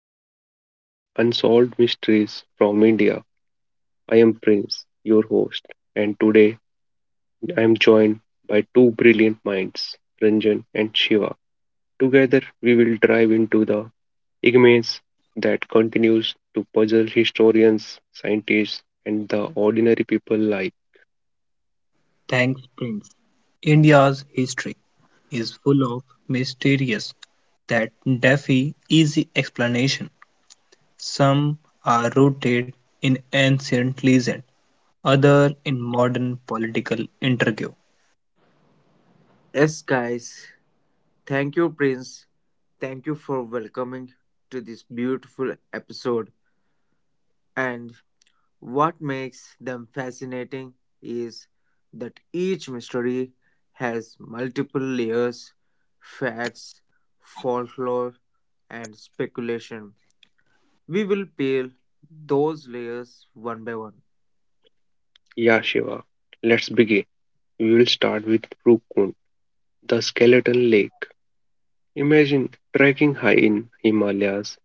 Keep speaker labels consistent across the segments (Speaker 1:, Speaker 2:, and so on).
Speaker 1: to Real Unsolved Mysteries from India. I am Prince, your host, and today I am joined by two brilliant minds, Ranjan and Shiva. Together, we will dive into the enigmas that continues to puzzle historians, scientists, and the ordinary people like
Speaker 2: Thanks, Prince. India's history is full of mysterious that defy easy explanation. Some are rooted in ancient legend, other in modern political intrigue.
Speaker 3: Yes, guys. Thank you, Prince. Thank you for welcoming to this beautiful episode. And what makes them fascinating is that each mystery has multiple layers, facts, folklore, and speculation. We will peel those layers one by one.
Speaker 1: Yeah, Shiva. Let's begin. We will start with Rukun, the skeleton lake. Imagine trekking high in Himalayas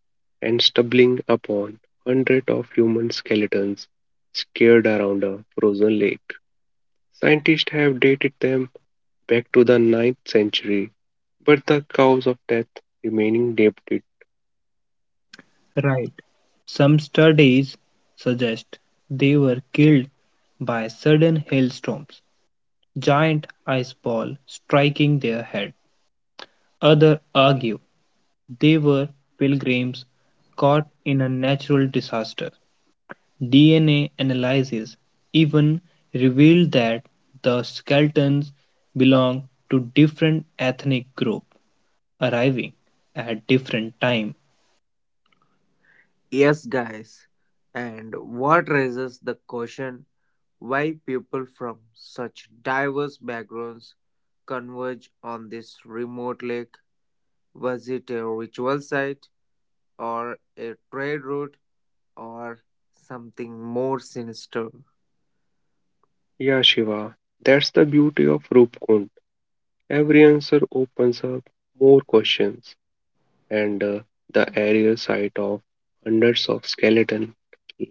Speaker 1: and stumbling upon hundreds of human skeletons scared around a frozen lake. Scientists have dated them back to the 9th century, but the cause of death remaining debated.
Speaker 2: Right. Some studies suggest they were killed by sudden hailstorms, giant iceball striking their head. Others argue they were pilgrims caught in a natural disaster. DNA analysis even revealed that the skeletons belong to different ethnic groups, arriving at different times.
Speaker 3: Yes, guys. And what raises the question: why people from such diverse backgrounds converge on this remote lake? Was it a ritual site or a trade route or something more sinister?
Speaker 1: Yeah, Shiva, that's the beauty of Rupkund. Every answer opens up more questions, and the aerial sight of hundreds of skeletons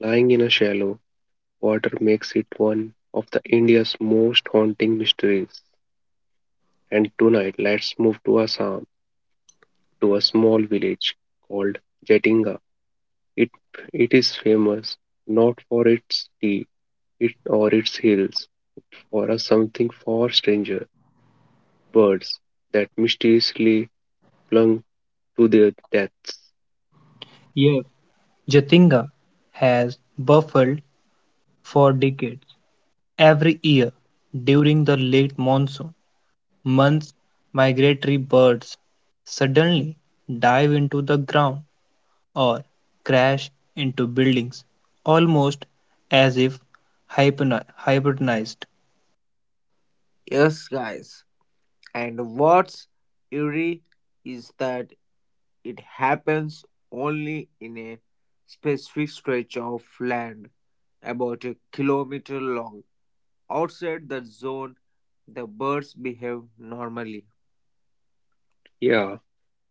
Speaker 1: lying in a shallow water makes it one of the India's most haunting mysteries. And tonight, let's move to Assam, to a small village called Jatinga. It it is famous not for its tea, it or its hills, or a something far stranger, birds that mysteriously plunge to their deaths.
Speaker 2: Yet Jatinga has buffeted for decades. Every year, during the late monsoon months, migratory birds suddenly dive into the ground or crash into buildings, almost as if hibernized.
Speaker 3: Yes, guys. And what's eerie is that it happens only in a specific stretch of land about a kilometer long. Outside the zone, the birds behave normally.
Speaker 1: Yeah,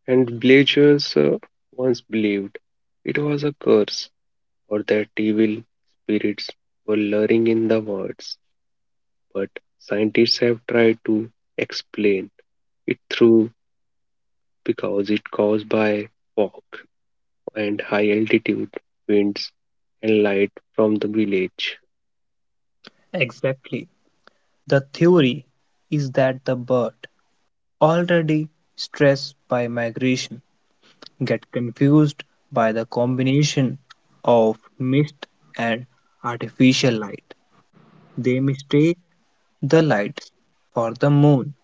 Speaker 1: and villagers once believed it was a curse or that evil spirits were luring in the woods, but scientists have tried to explain it through because it caused by fog and high altitude winds and light from the village.
Speaker 2: Exactly. The theory is that the bird, already stressed by migration, get confused by the combination of mist and artificial light. They mistake the lights for the moon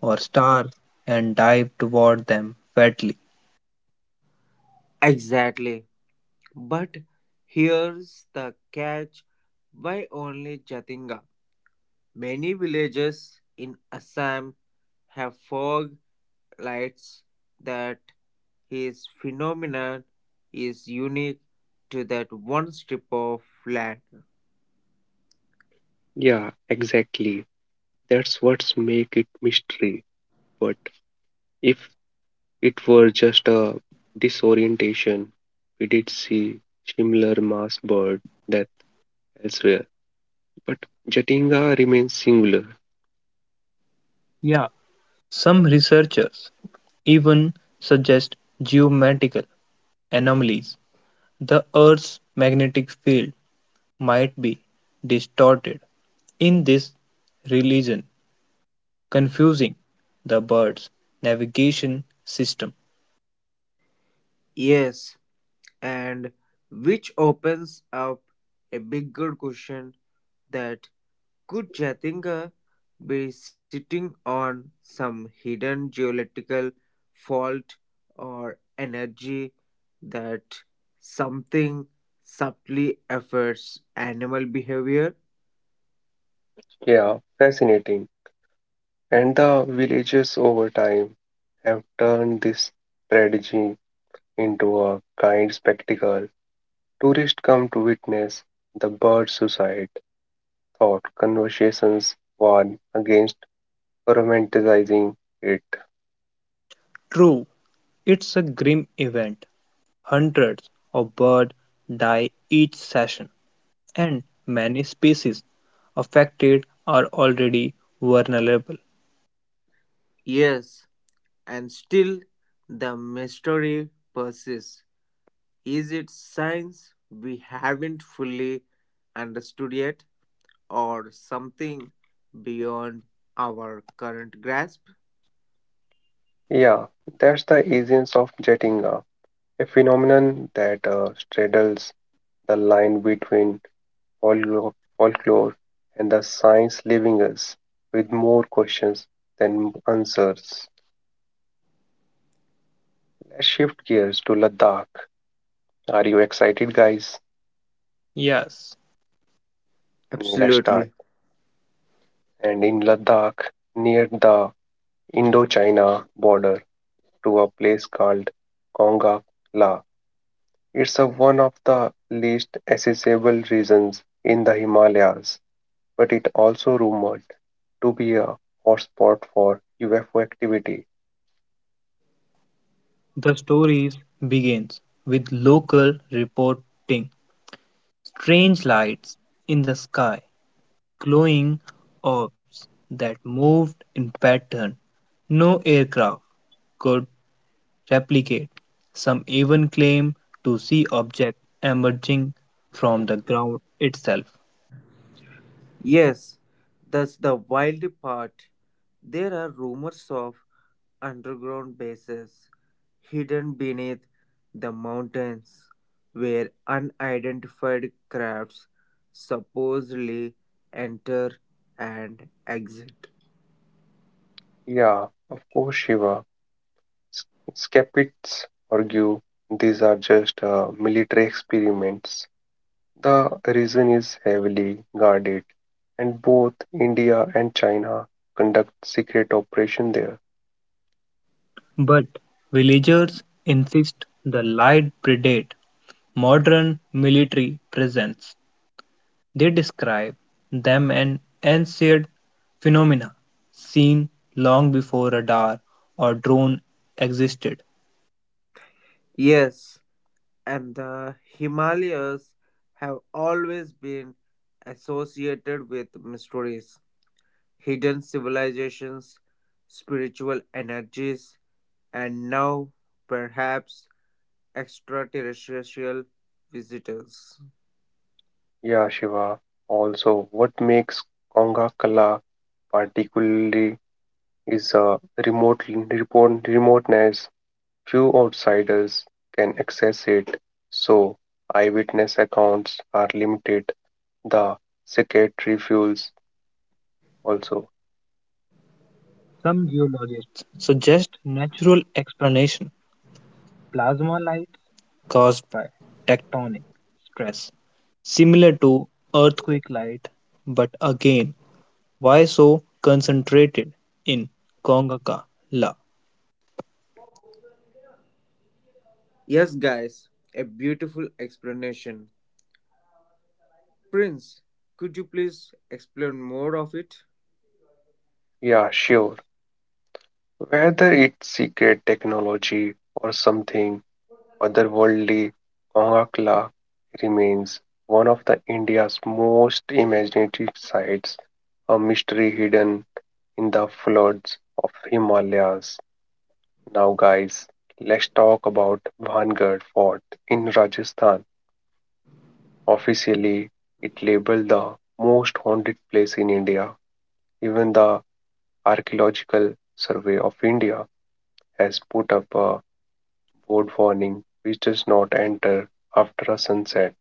Speaker 2: or stars and dive toward them madly.
Speaker 3: Exactly. But here's the catch: why only Jatinga? Many villages in Assam have fog lights that his phenomenon is unique to that one strip of land.
Speaker 1: Yeah, exactly. That's what's make it mystery. But if it were just a disorientation, we did see similar mass bird death elsewhere. But Jatinga remains singular.
Speaker 2: Yeah, some researchers even suggest geometrical anomalies. The Earth's magnetic field might be distorted in this religion, confusing the bird's navigation system.
Speaker 3: Yes, and which opens up a bigger question that could Jatinder be sitting on some hidden geological fault or energy that something subtly affects animal behavior?
Speaker 1: Yeah, fascinating. And the villages over time have turned this tragedy into a kind spectacle. Tourists come to witness the bird suicide thought conversations warn against romanticizing it.
Speaker 2: True, it's a grim event. Hundreds of birds die each season, and many species affected are already vulnerable.
Speaker 3: Yes, and still the mystery persists. Is it science we haven't fully understood yet, or something beyond our current grasp?
Speaker 1: Yeah, that's the essence of Jettinga, a phenomenon that straddles the line between folklore and the science leaving us with more questions than answers. Let's shift gears to Ladakh. Are you excited, guys?
Speaker 2: Yes,
Speaker 1: Let's start.
Speaker 3: Absolutely.
Speaker 1: And in Ladakh, near the Indo-China border, to a place called Konga La. It's a one of the least accessible regions in the Himalayas, but it also rumored to be a hotspot for UFO activity.
Speaker 2: the story begins with local reporting. Strange lights in the sky, glowing orbs that moved in pattern. No aircraft could replicate. Some even claim to see objects emerging from the ground itself.
Speaker 3: Yes, that's the wild part. There are rumors of underground bases hidden beneath the mountains where unidentified crafts supposedly enter and exit.
Speaker 1: Yeah, of course, Shiva. S- Skeptics argue these are just military experiments. The region is heavily guarded, and both India and China conduct secret operations there.
Speaker 2: But villagers insist the light predate modern military presence. They describe them an ancient phenomena seen long before radar or drone existed.
Speaker 3: Yes, and the Himalayas have always been associated with mysteries, hidden civilizations, spiritual energies, and now perhaps extraterrestrial visitors.
Speaker 1: Yeah, Shiva. Also, what makes Konga Kala particularly is the remote remoteness. Few outsiders can access it, so eyewitness accounts are limited. The secret refuels also.
Speaker 2: Some geologists suggest natural explanation. Plasma lights caused by tectonic stress, similar to earthquake light, but again, why so concentrated in Congacala?
Speaker 3: Yes, guys, a beautiful explanation. Prince, could you please explain more of it?
Speaker 1: Yeah, sure. Whether it's secret technology or something otherworldly, Kongakla remains one of the India's most imaginative sites, a mystery hidden in the floods of Himalayas. Now guys, let's talk about Vangarh Fort in Rajasthan. Officially, it labeled the most haunted place in India. Even the Archaeological Survey of India has put up a board warning which does not enter after a sunset.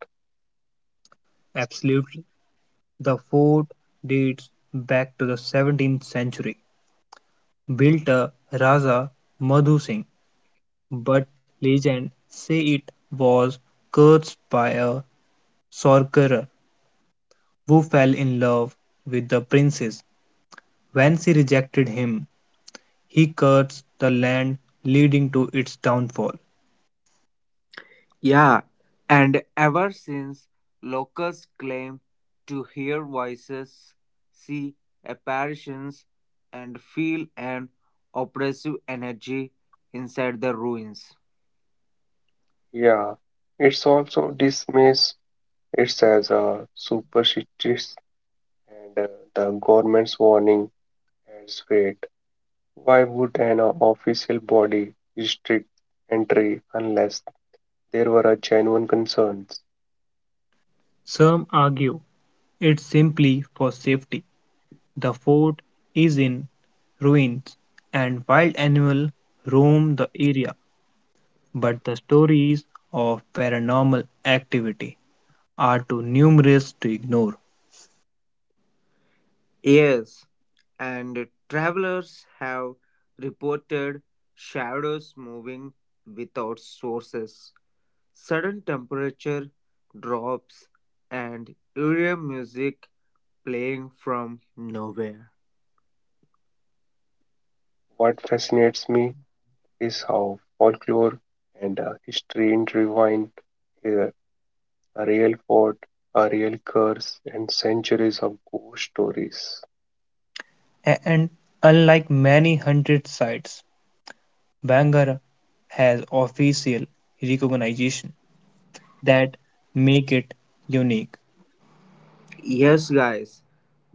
Speaker 2: Absolutely. The fort dates back to the 17th century, built a Raja Madhu Singh, but legend say it was cursed by a sorcerer who fell in love with the princess. When she rejected him, he cursed the land, leading to its downfall.
Speaker 3: Yeah, and ever since locals claim to hear voices, see apparitions, and feel an oppressive energy inside the ruins.
Speaker 1: Yeah, it's also dismissed it as a superstitious and the government's warning has great. Why would an official body restrict entry unless there were a genuine concerns?
Speaker 2: Some argue it's simply for safety. The fort is in ruins and wild animals roam the area, but the stories of paranormal activity are too numerous to ignore.
Speaker 3: Yes, and travelers have reported shadows moving without sources, sudden temperature drops, and eerie music playing from nowhere.
Speaker 1: What fascinates me is how folklore and history intertwine here. A real fort, a real curse, and centuries of ghost stories.
Speaker 2: And unlike many haunted sites, Bangara has official recognition that make it unique.
Speaker 3: Yes, guys,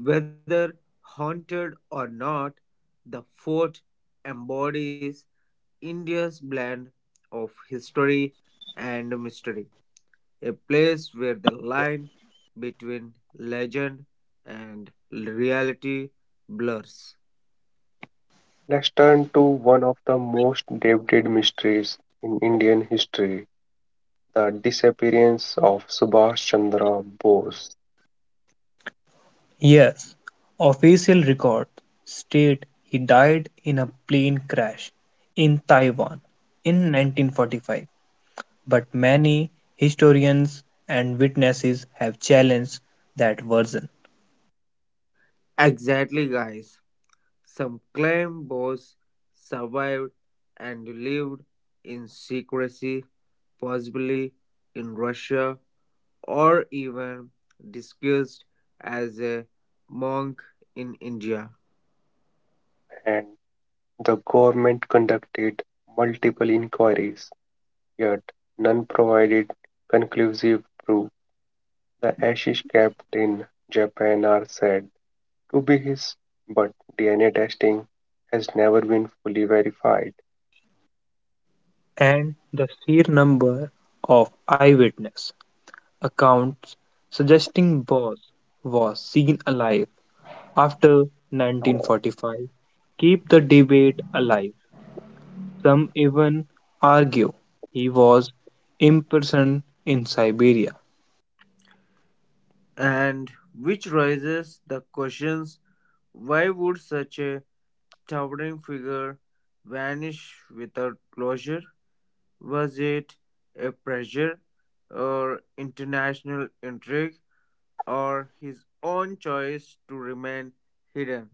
Speaker 3: whether haunted or not, the fort embodies India's blend of history and mystery, a place where the line between legend and reality blurs.
Speaker 1: Let's turn to one of the most debated mysteries in Indian history, the disappearance of Subhash Chandra Bose.
Speaker 2: Yes, official records state he died in a plane crash in Taiwan in 1945, but many historians and witnesses have challenged that version.
Speaker 3: Exactly, guys. Some claim both survived and lived in secrecy, possibly in Russia, or even disguised as a monk in India.
Speaker 1: And the government conducted multiple inquiries, yet none provided conclusive proof. The ashes kept in Japan are said to be his, but DNA testing has never been fully verified.
Speaker 2: And the sheer number of eyewitness accounts suggesting Boss was seen alive after 1945 keep the debate alive. Some even argue he was imprisoned in Siberia.
Speaker 3: And which raises the questions: why would such a towering figure vanish without closure? Was it a pressure or international intrigue or his own choice to remain hidden?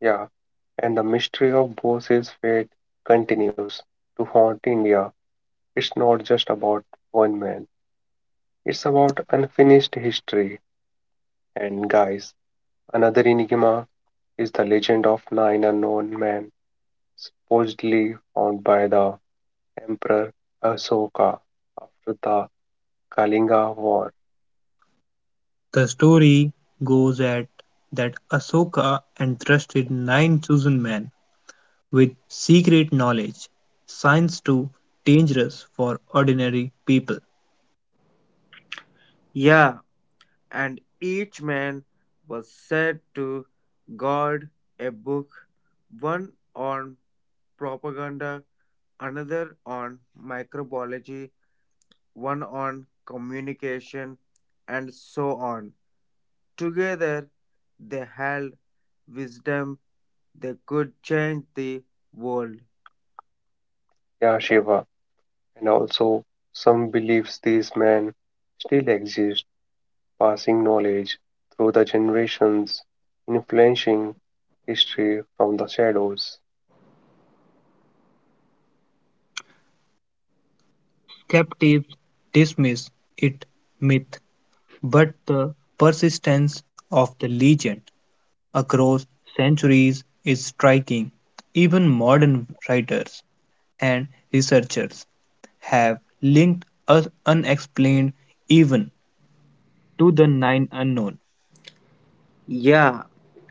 Speaker 1: Yeah, and the mystery of Bose's fate continues to haunt India. It's not just about one man, it's about unfinished history. And guys, another enigma is the legend of nine unknown men supposedly found by the Emperor Asoka after the Kalinga War.
Speaker 2: The story goes at that Ashoka entrusted nine chosen men with secret knowledge, science too dangerous for ordinary people.
Speaker 3: Yeah, and each man was said to guard a book, one on propaganda, another on microbiology, one on communication, and so on. Together they held wisdom they could change the world.
Speaker 1: Yeah, Shiva. And also, some believes these men still exist, passing knowledge through the generations, influencing history from the shadows.
Speaker 2: Skeptics dismiss it myth, but the persistence of the legend across centuries is striking. Even modern writers and researchers have linked us unexplained even to the nine unknown.
Speaker 3: Yeah,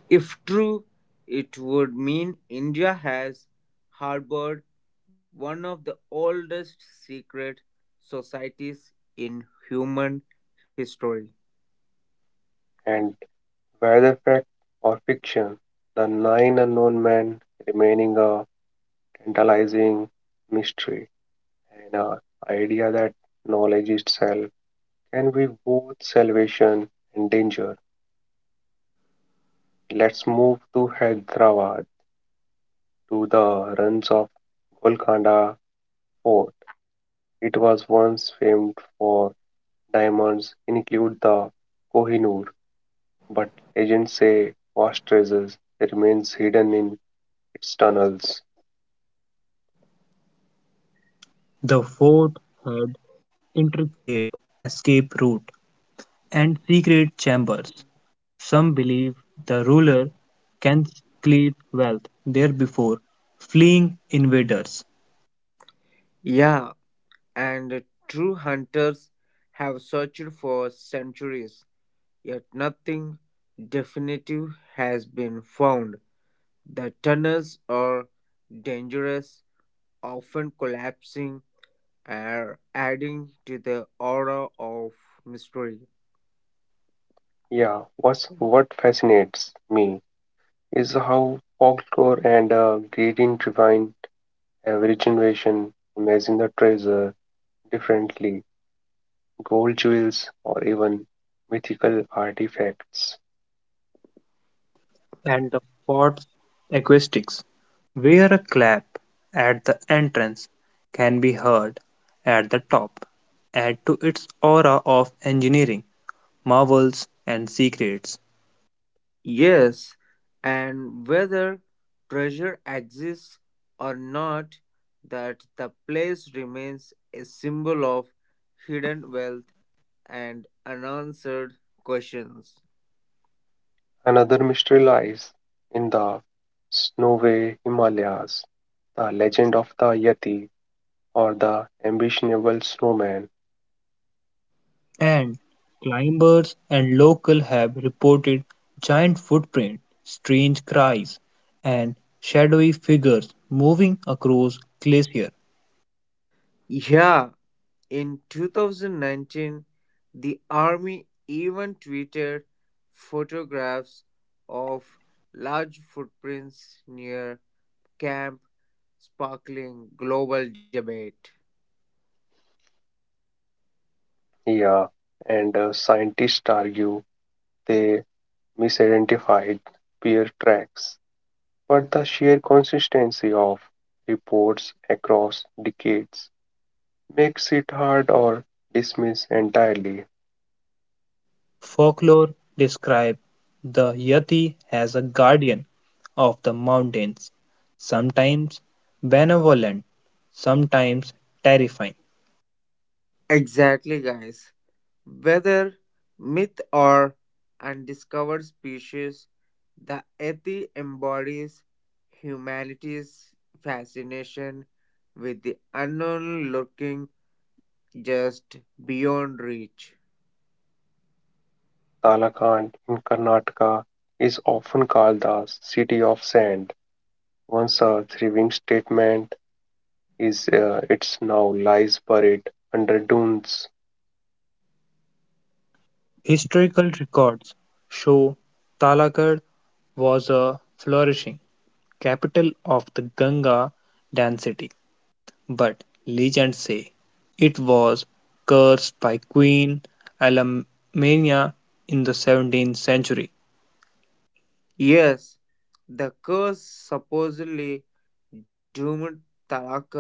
Speaker 3: if true, it would mean India has harbored one of the oldest secret societies in human history.
Speaker 1: And whether fact or fiction, the nine unknown men remaining a tantalizing mystery and an idea that knowledge itself can be both salvation and danger. Let's move to Hyderabad to the ruins of Golconda Fort. It was once famed for diamonds, include the Kohinoor, but legends say vast treasures remains hidden in its tunnels.
Speaker 2: The fort had intricate escape route and secret chambers. Some believe the ruler can secrete wealth there before fleeing invaders.
Speaker 3: Yeah, and true hunters have searched for centuries, yet nothing definitive has been found. The tunnels are dangerous, often collapsing and adding to the aura of mystery.
Speaker 1: Yeah, what fascinates me is how folklore and greeting divine every generation imagine the treasure differently, gold jewels or even mythical artifacts.
Speaker 2: And the fort's acoustics, where a clap at the entrance can be heard at the top, add to its aura of engineering marvels, and secrets.
Speaker 3: Yes, and whether treasure exists or not, that the place remains a symbol of hidden wealth and unanswered questions.
Speaker 1: Another mystery lies in the snowy Himalayas, the legend of the Yeti or the ambitionable snowman.
Speaker 2: And climbers and locals have reported giant footprints, strange cries, and shadowy figures moving across glacier.
Speaker 3: Yeah, in 2019, the Army even tweeted photographs of large footprints near camp, sparkling global debate.
Speaker 1: Yeah, and scientists argue they misidentified bear tracks, but the sheer consistency of reports across decades makes it hard or dismissed entirely.
Speaker 2: Folklore describes the Yeti as a guardian of the mountains, sometimes benevolent, sometimes terrifying.
Speaker 3: Exactly, guys. Whether myth or undiscovered species, the yeti embodies humanity's fascination with the unknown lurking just beyond reach.
Speaker 1: Talakand in Karnataka is often called the city of sand. Once a thriving statement is it's now lies buried under dunes.
Speaker 2: Historical records show Talakad was a flourishing capital of the Ganga density, but legends say it was cursed by Queen Alamania in the 17th century.
Speaker 3: Yes, the curse supposedly doomed Talakkad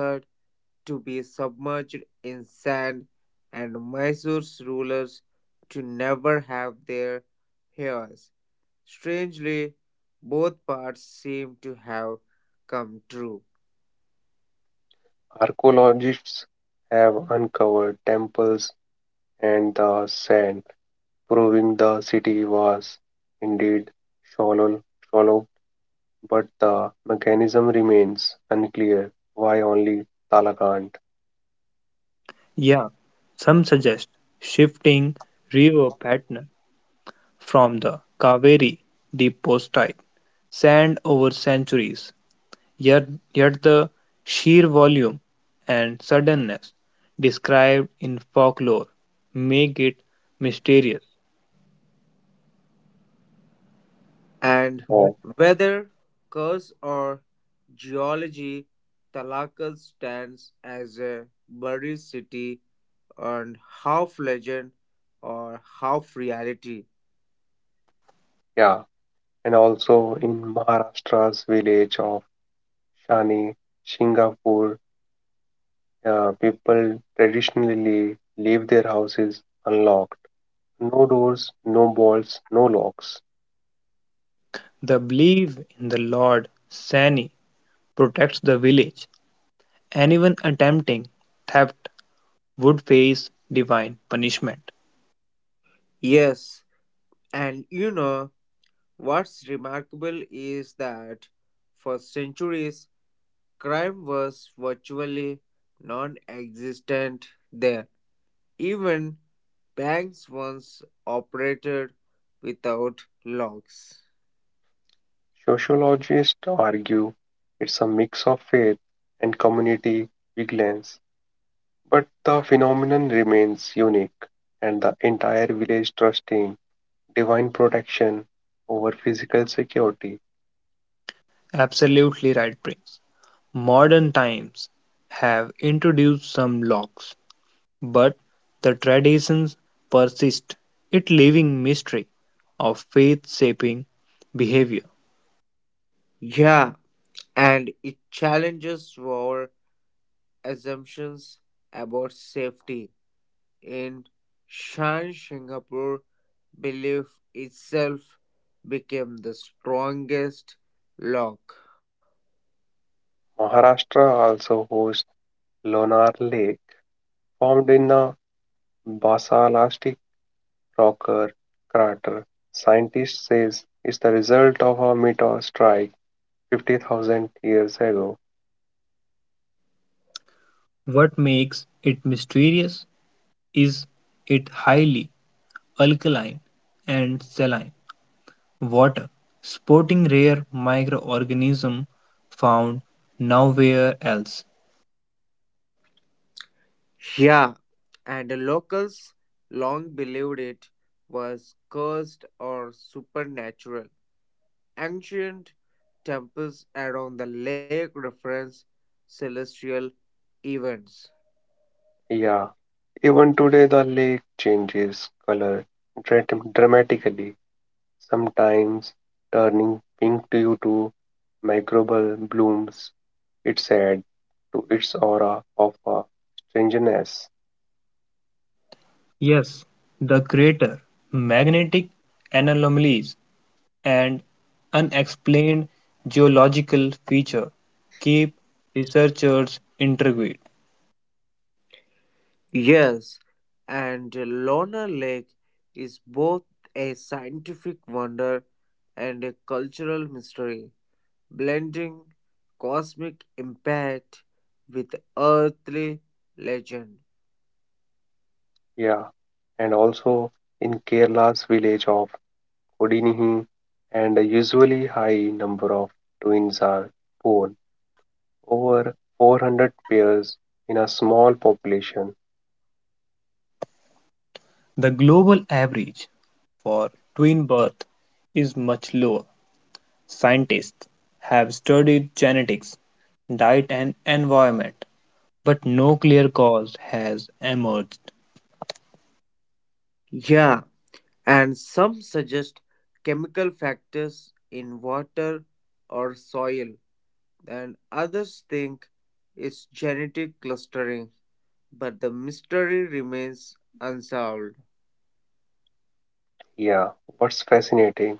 Speaker 3: to be submerged in sand and Mysore's rulers to never have their heirs. Strangely, both parts seem to have come true.
Speaker 1: Archaeologists have uncovered temples and the sand, proving the city was indeed shallow, shallow. But the mechanism remains unclear why only Talakand.
Speaker 2: Yeah, some suggest shifting river pattern from the Kaveri deposit sand over centuries, yet, yet the sheer volume and suddenness described in folklore make it mysterious.
Speaker 3: And
Speaker 2: Why?
Speaker 1: Oh
Speaker 3: whether curse or geology, Talakkad stands as a buried city and half legend or half reality.
Speaker 1: yeah, and also in Maharashtra's village of Shani Singapore, people traditionally leave their houses unlocked, no doors, no bolts, no locks.
Speaker 2: The belief in the Lord Sani protects the village. Anyone attempting theft would face divine punishment.
Speaker 3: Yes, and what's remarkable is that for centuries crime was virtually non existent there. Even banks once operated without locks.
Speaker 1: Sociologists argue it's a mix of faith and community vigilance, but the phenomenon remains unique and the entire village trusting divine protection over physical security.
Speaker 2: Absolutely right, Prince. Modern times have introduced some locks, but the traditions persist, it living mystery of faith shaping behavior.
Speaker 3: Yeah, and it challenges our assumptions about safety. In Shan, Singapore belief itself became the strongest lock.
Speaker 1: Maharashtra also hosts Lonar Lake, formed in the Basaltic rocker crater. Scientists say it's the result of a meteor strike 50,000 years ago.
Speaker 2: What makes it mysterious is it highly alkaline and saline. Water, sporting rare microorganism found nowhere else.
Speaker 3: Yeah, and the locals long believed it was cursed or supernatural. Ancient temples around the lake reference celestial events.
Speaker 1: Yeah, even today the lake changes color dramatically, sometimes turning pink due to microbial blooms. It adds to its aura of strangeness.
Speaker 2: Yes, the crater, magnetic anomalies, and unexplained geological feature keep researchers intrigued.
Speaker 3: Yes, and Lona Lake is both a scientific wonder and a cultural mystery, blending cosmic impact with earthly legend.
Speaker 1: Yeah, and also in Kerala's village of Kodinihi, and a usually high number of twins are born, over 400 pairs in a small population.
Speaker 2: The global average for twin birth is much lower. Scientists have studied genetics, diet, and environment, but no clear cause has emerged.
Speaker 3: Yeah, and some suggest chemical factors in water or soil, and others think it's genetic clustering, but the mystery remains unsolved.
Speaker 1: Yeah, what's fascinating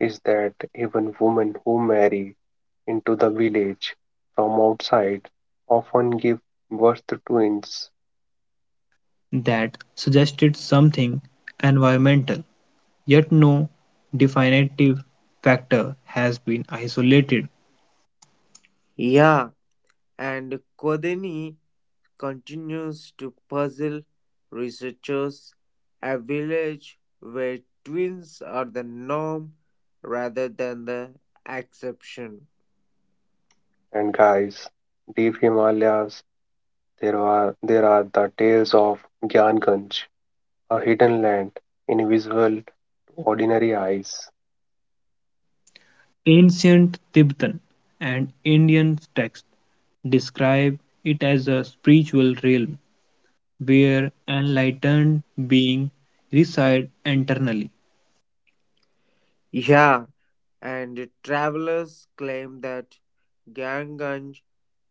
Speaker 1: is that even women who marry into the village from outside often give birth to twins
Speaker 2: That suggested something environmental, yet no definitive factor has been isolated.
Speaker 3: Yeah, and Kodeni continues to puzzle researchers, a village where twins are the norm rather than the exception.
Speaker 1: and guys. Deep Himalayas. There are the tales of Gyanganj, a hidden land invisible to ordinary eyes.
Speaker 2: Ancient Tibetan and Indian texts describe it as a spiritual realm where enlightened beings reside internally.
Speaker 3: Yeah, and travelers claim that Ganganj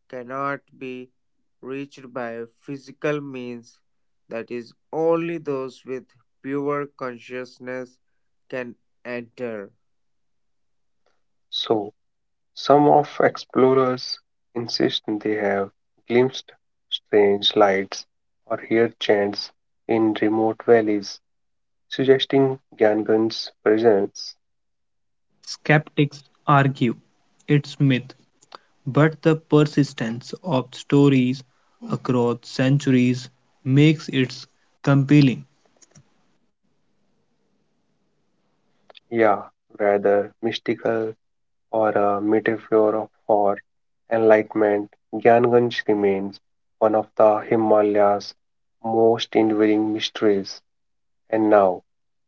Speaker 3: cannot be reached by physical means, that is, only those with pure consciousness can enter.
Speaker 1: So some of explorers insist they have glimpsed strange lights or heard chants in remote valleys, suggesting Gyanganj's presence.
Speaker 2: Skeptics argue it's myth, but the persistence of stories across centuries makes it compelling.
Speaker 1: Yeah, rather mystical or a metaphor for enlightenment, Gyanganj remains one of the Himalayas' most enduring mysteries. And now,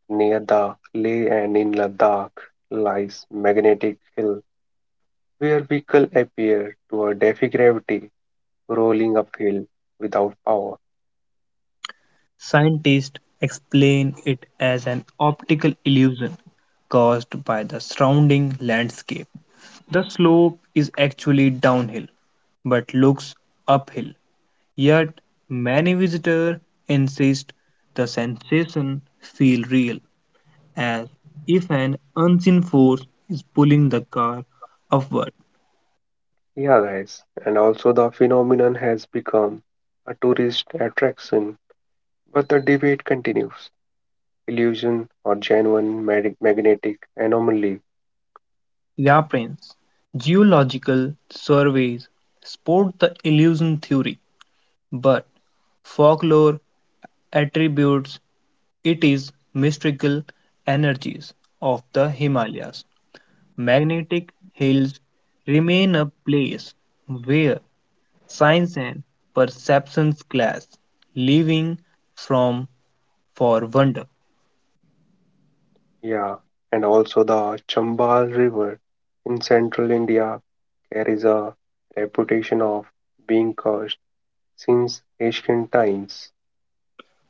Speaker 1: near the Leh and in Ladakh, lies Magnetic Hill, where vehicles appear to defy gravity, rolling uphill without power.
Speaker 2: Scientists explain it as an optical illusion caused by the surrounding landscape. The slope is actually downhill but looks uphill, yet many visitors insist the sensation feels real, as if an unseen force is pulling the car upward.
Speaker 1: Yeah, guys, and also the phenomenon has become a tourist attraction, but the debate continues. Illusion or genuine magnetic anomaly.
Speaker 2: Yeah, Prince. Geological surveys support the illusion theory, but folklore attributes it is mystical energies of the Himalayas. Magnetic hills remain a place where science and perceptions clash, leaving from for wonder.
Speaker 1: Yeah, and also the Chambal River in central India carries a reputation of being cursed since ancient times.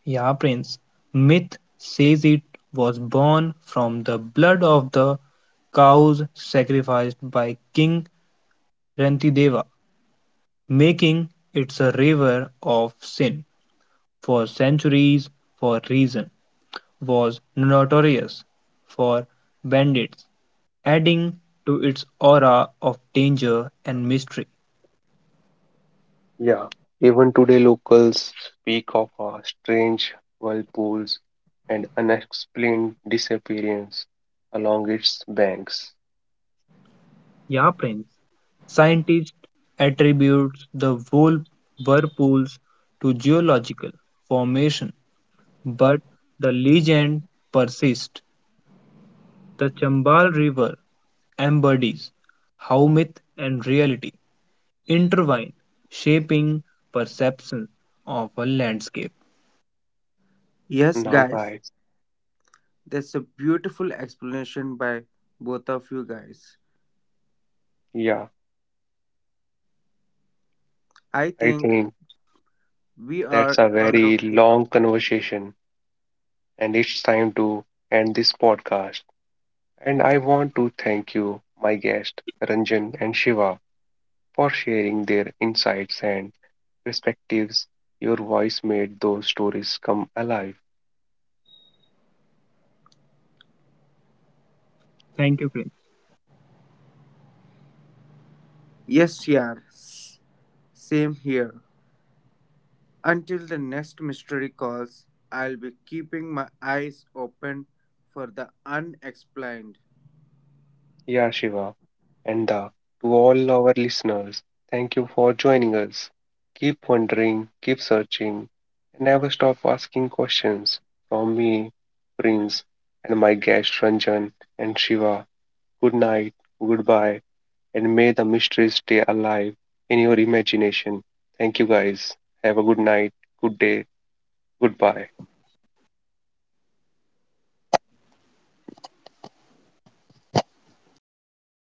Speaker 2: Ya Prince, myth says it was born from the blood of the cows sacrificed by King Rantideva, making it a river of sin. For centuries for reason was notorious for bandits, adding to its aura of danger and mystery.
Speaker 1: Yeah, even today locals speak of a strange whirlpools and unexplained disappearance along its banks.
Speaker 2: Yeah, Prince. Scientists attribute the whole whirlpools to geological formation, but the legend persists. The Chambal River embodies how myth and reality intertwine, shaping perception of a landscape.
Speaker 3: Yes,
Speaker 1: Now,
Speaker 3: guys,
Speaker 1: guys,
Speaker 3: that's a beautiful explanation by both of you guys.
Speaker 1: yeah,
Speaker 3: I
Speaker 1: I
Speaker 3: think
Speaker 1: think
Speaker 3: we
Speaker 1: that's
Speaker 3: are
Speaker 1: a
Speaker 3: end of
Speaker 1: very
Speaker 3: the
Speaker 1: long conversation. And it's time to end this podcast. And I want to thank you, my guests, Ranjan and Shiva, for sharing their insights and perspectives. Your voice made those stories come alive.
Speaker 2: Thank you, Prince.
Speaker 3: Yes, yeah. Same here. Until the next mystery calls, I'll be keeping my eyes open for the unexplained.
Speaker 1: Yeah, Shiva, and to all our listeners, thank you for joining us. Keep wondering, keep searching, and never stop asking questions. From me, Prince, and my guest Ranjan and Shiva, good night, goodbye and may the mysteries stay alive in your imagination. Thank you guys. Have a good night, good day, goodbye.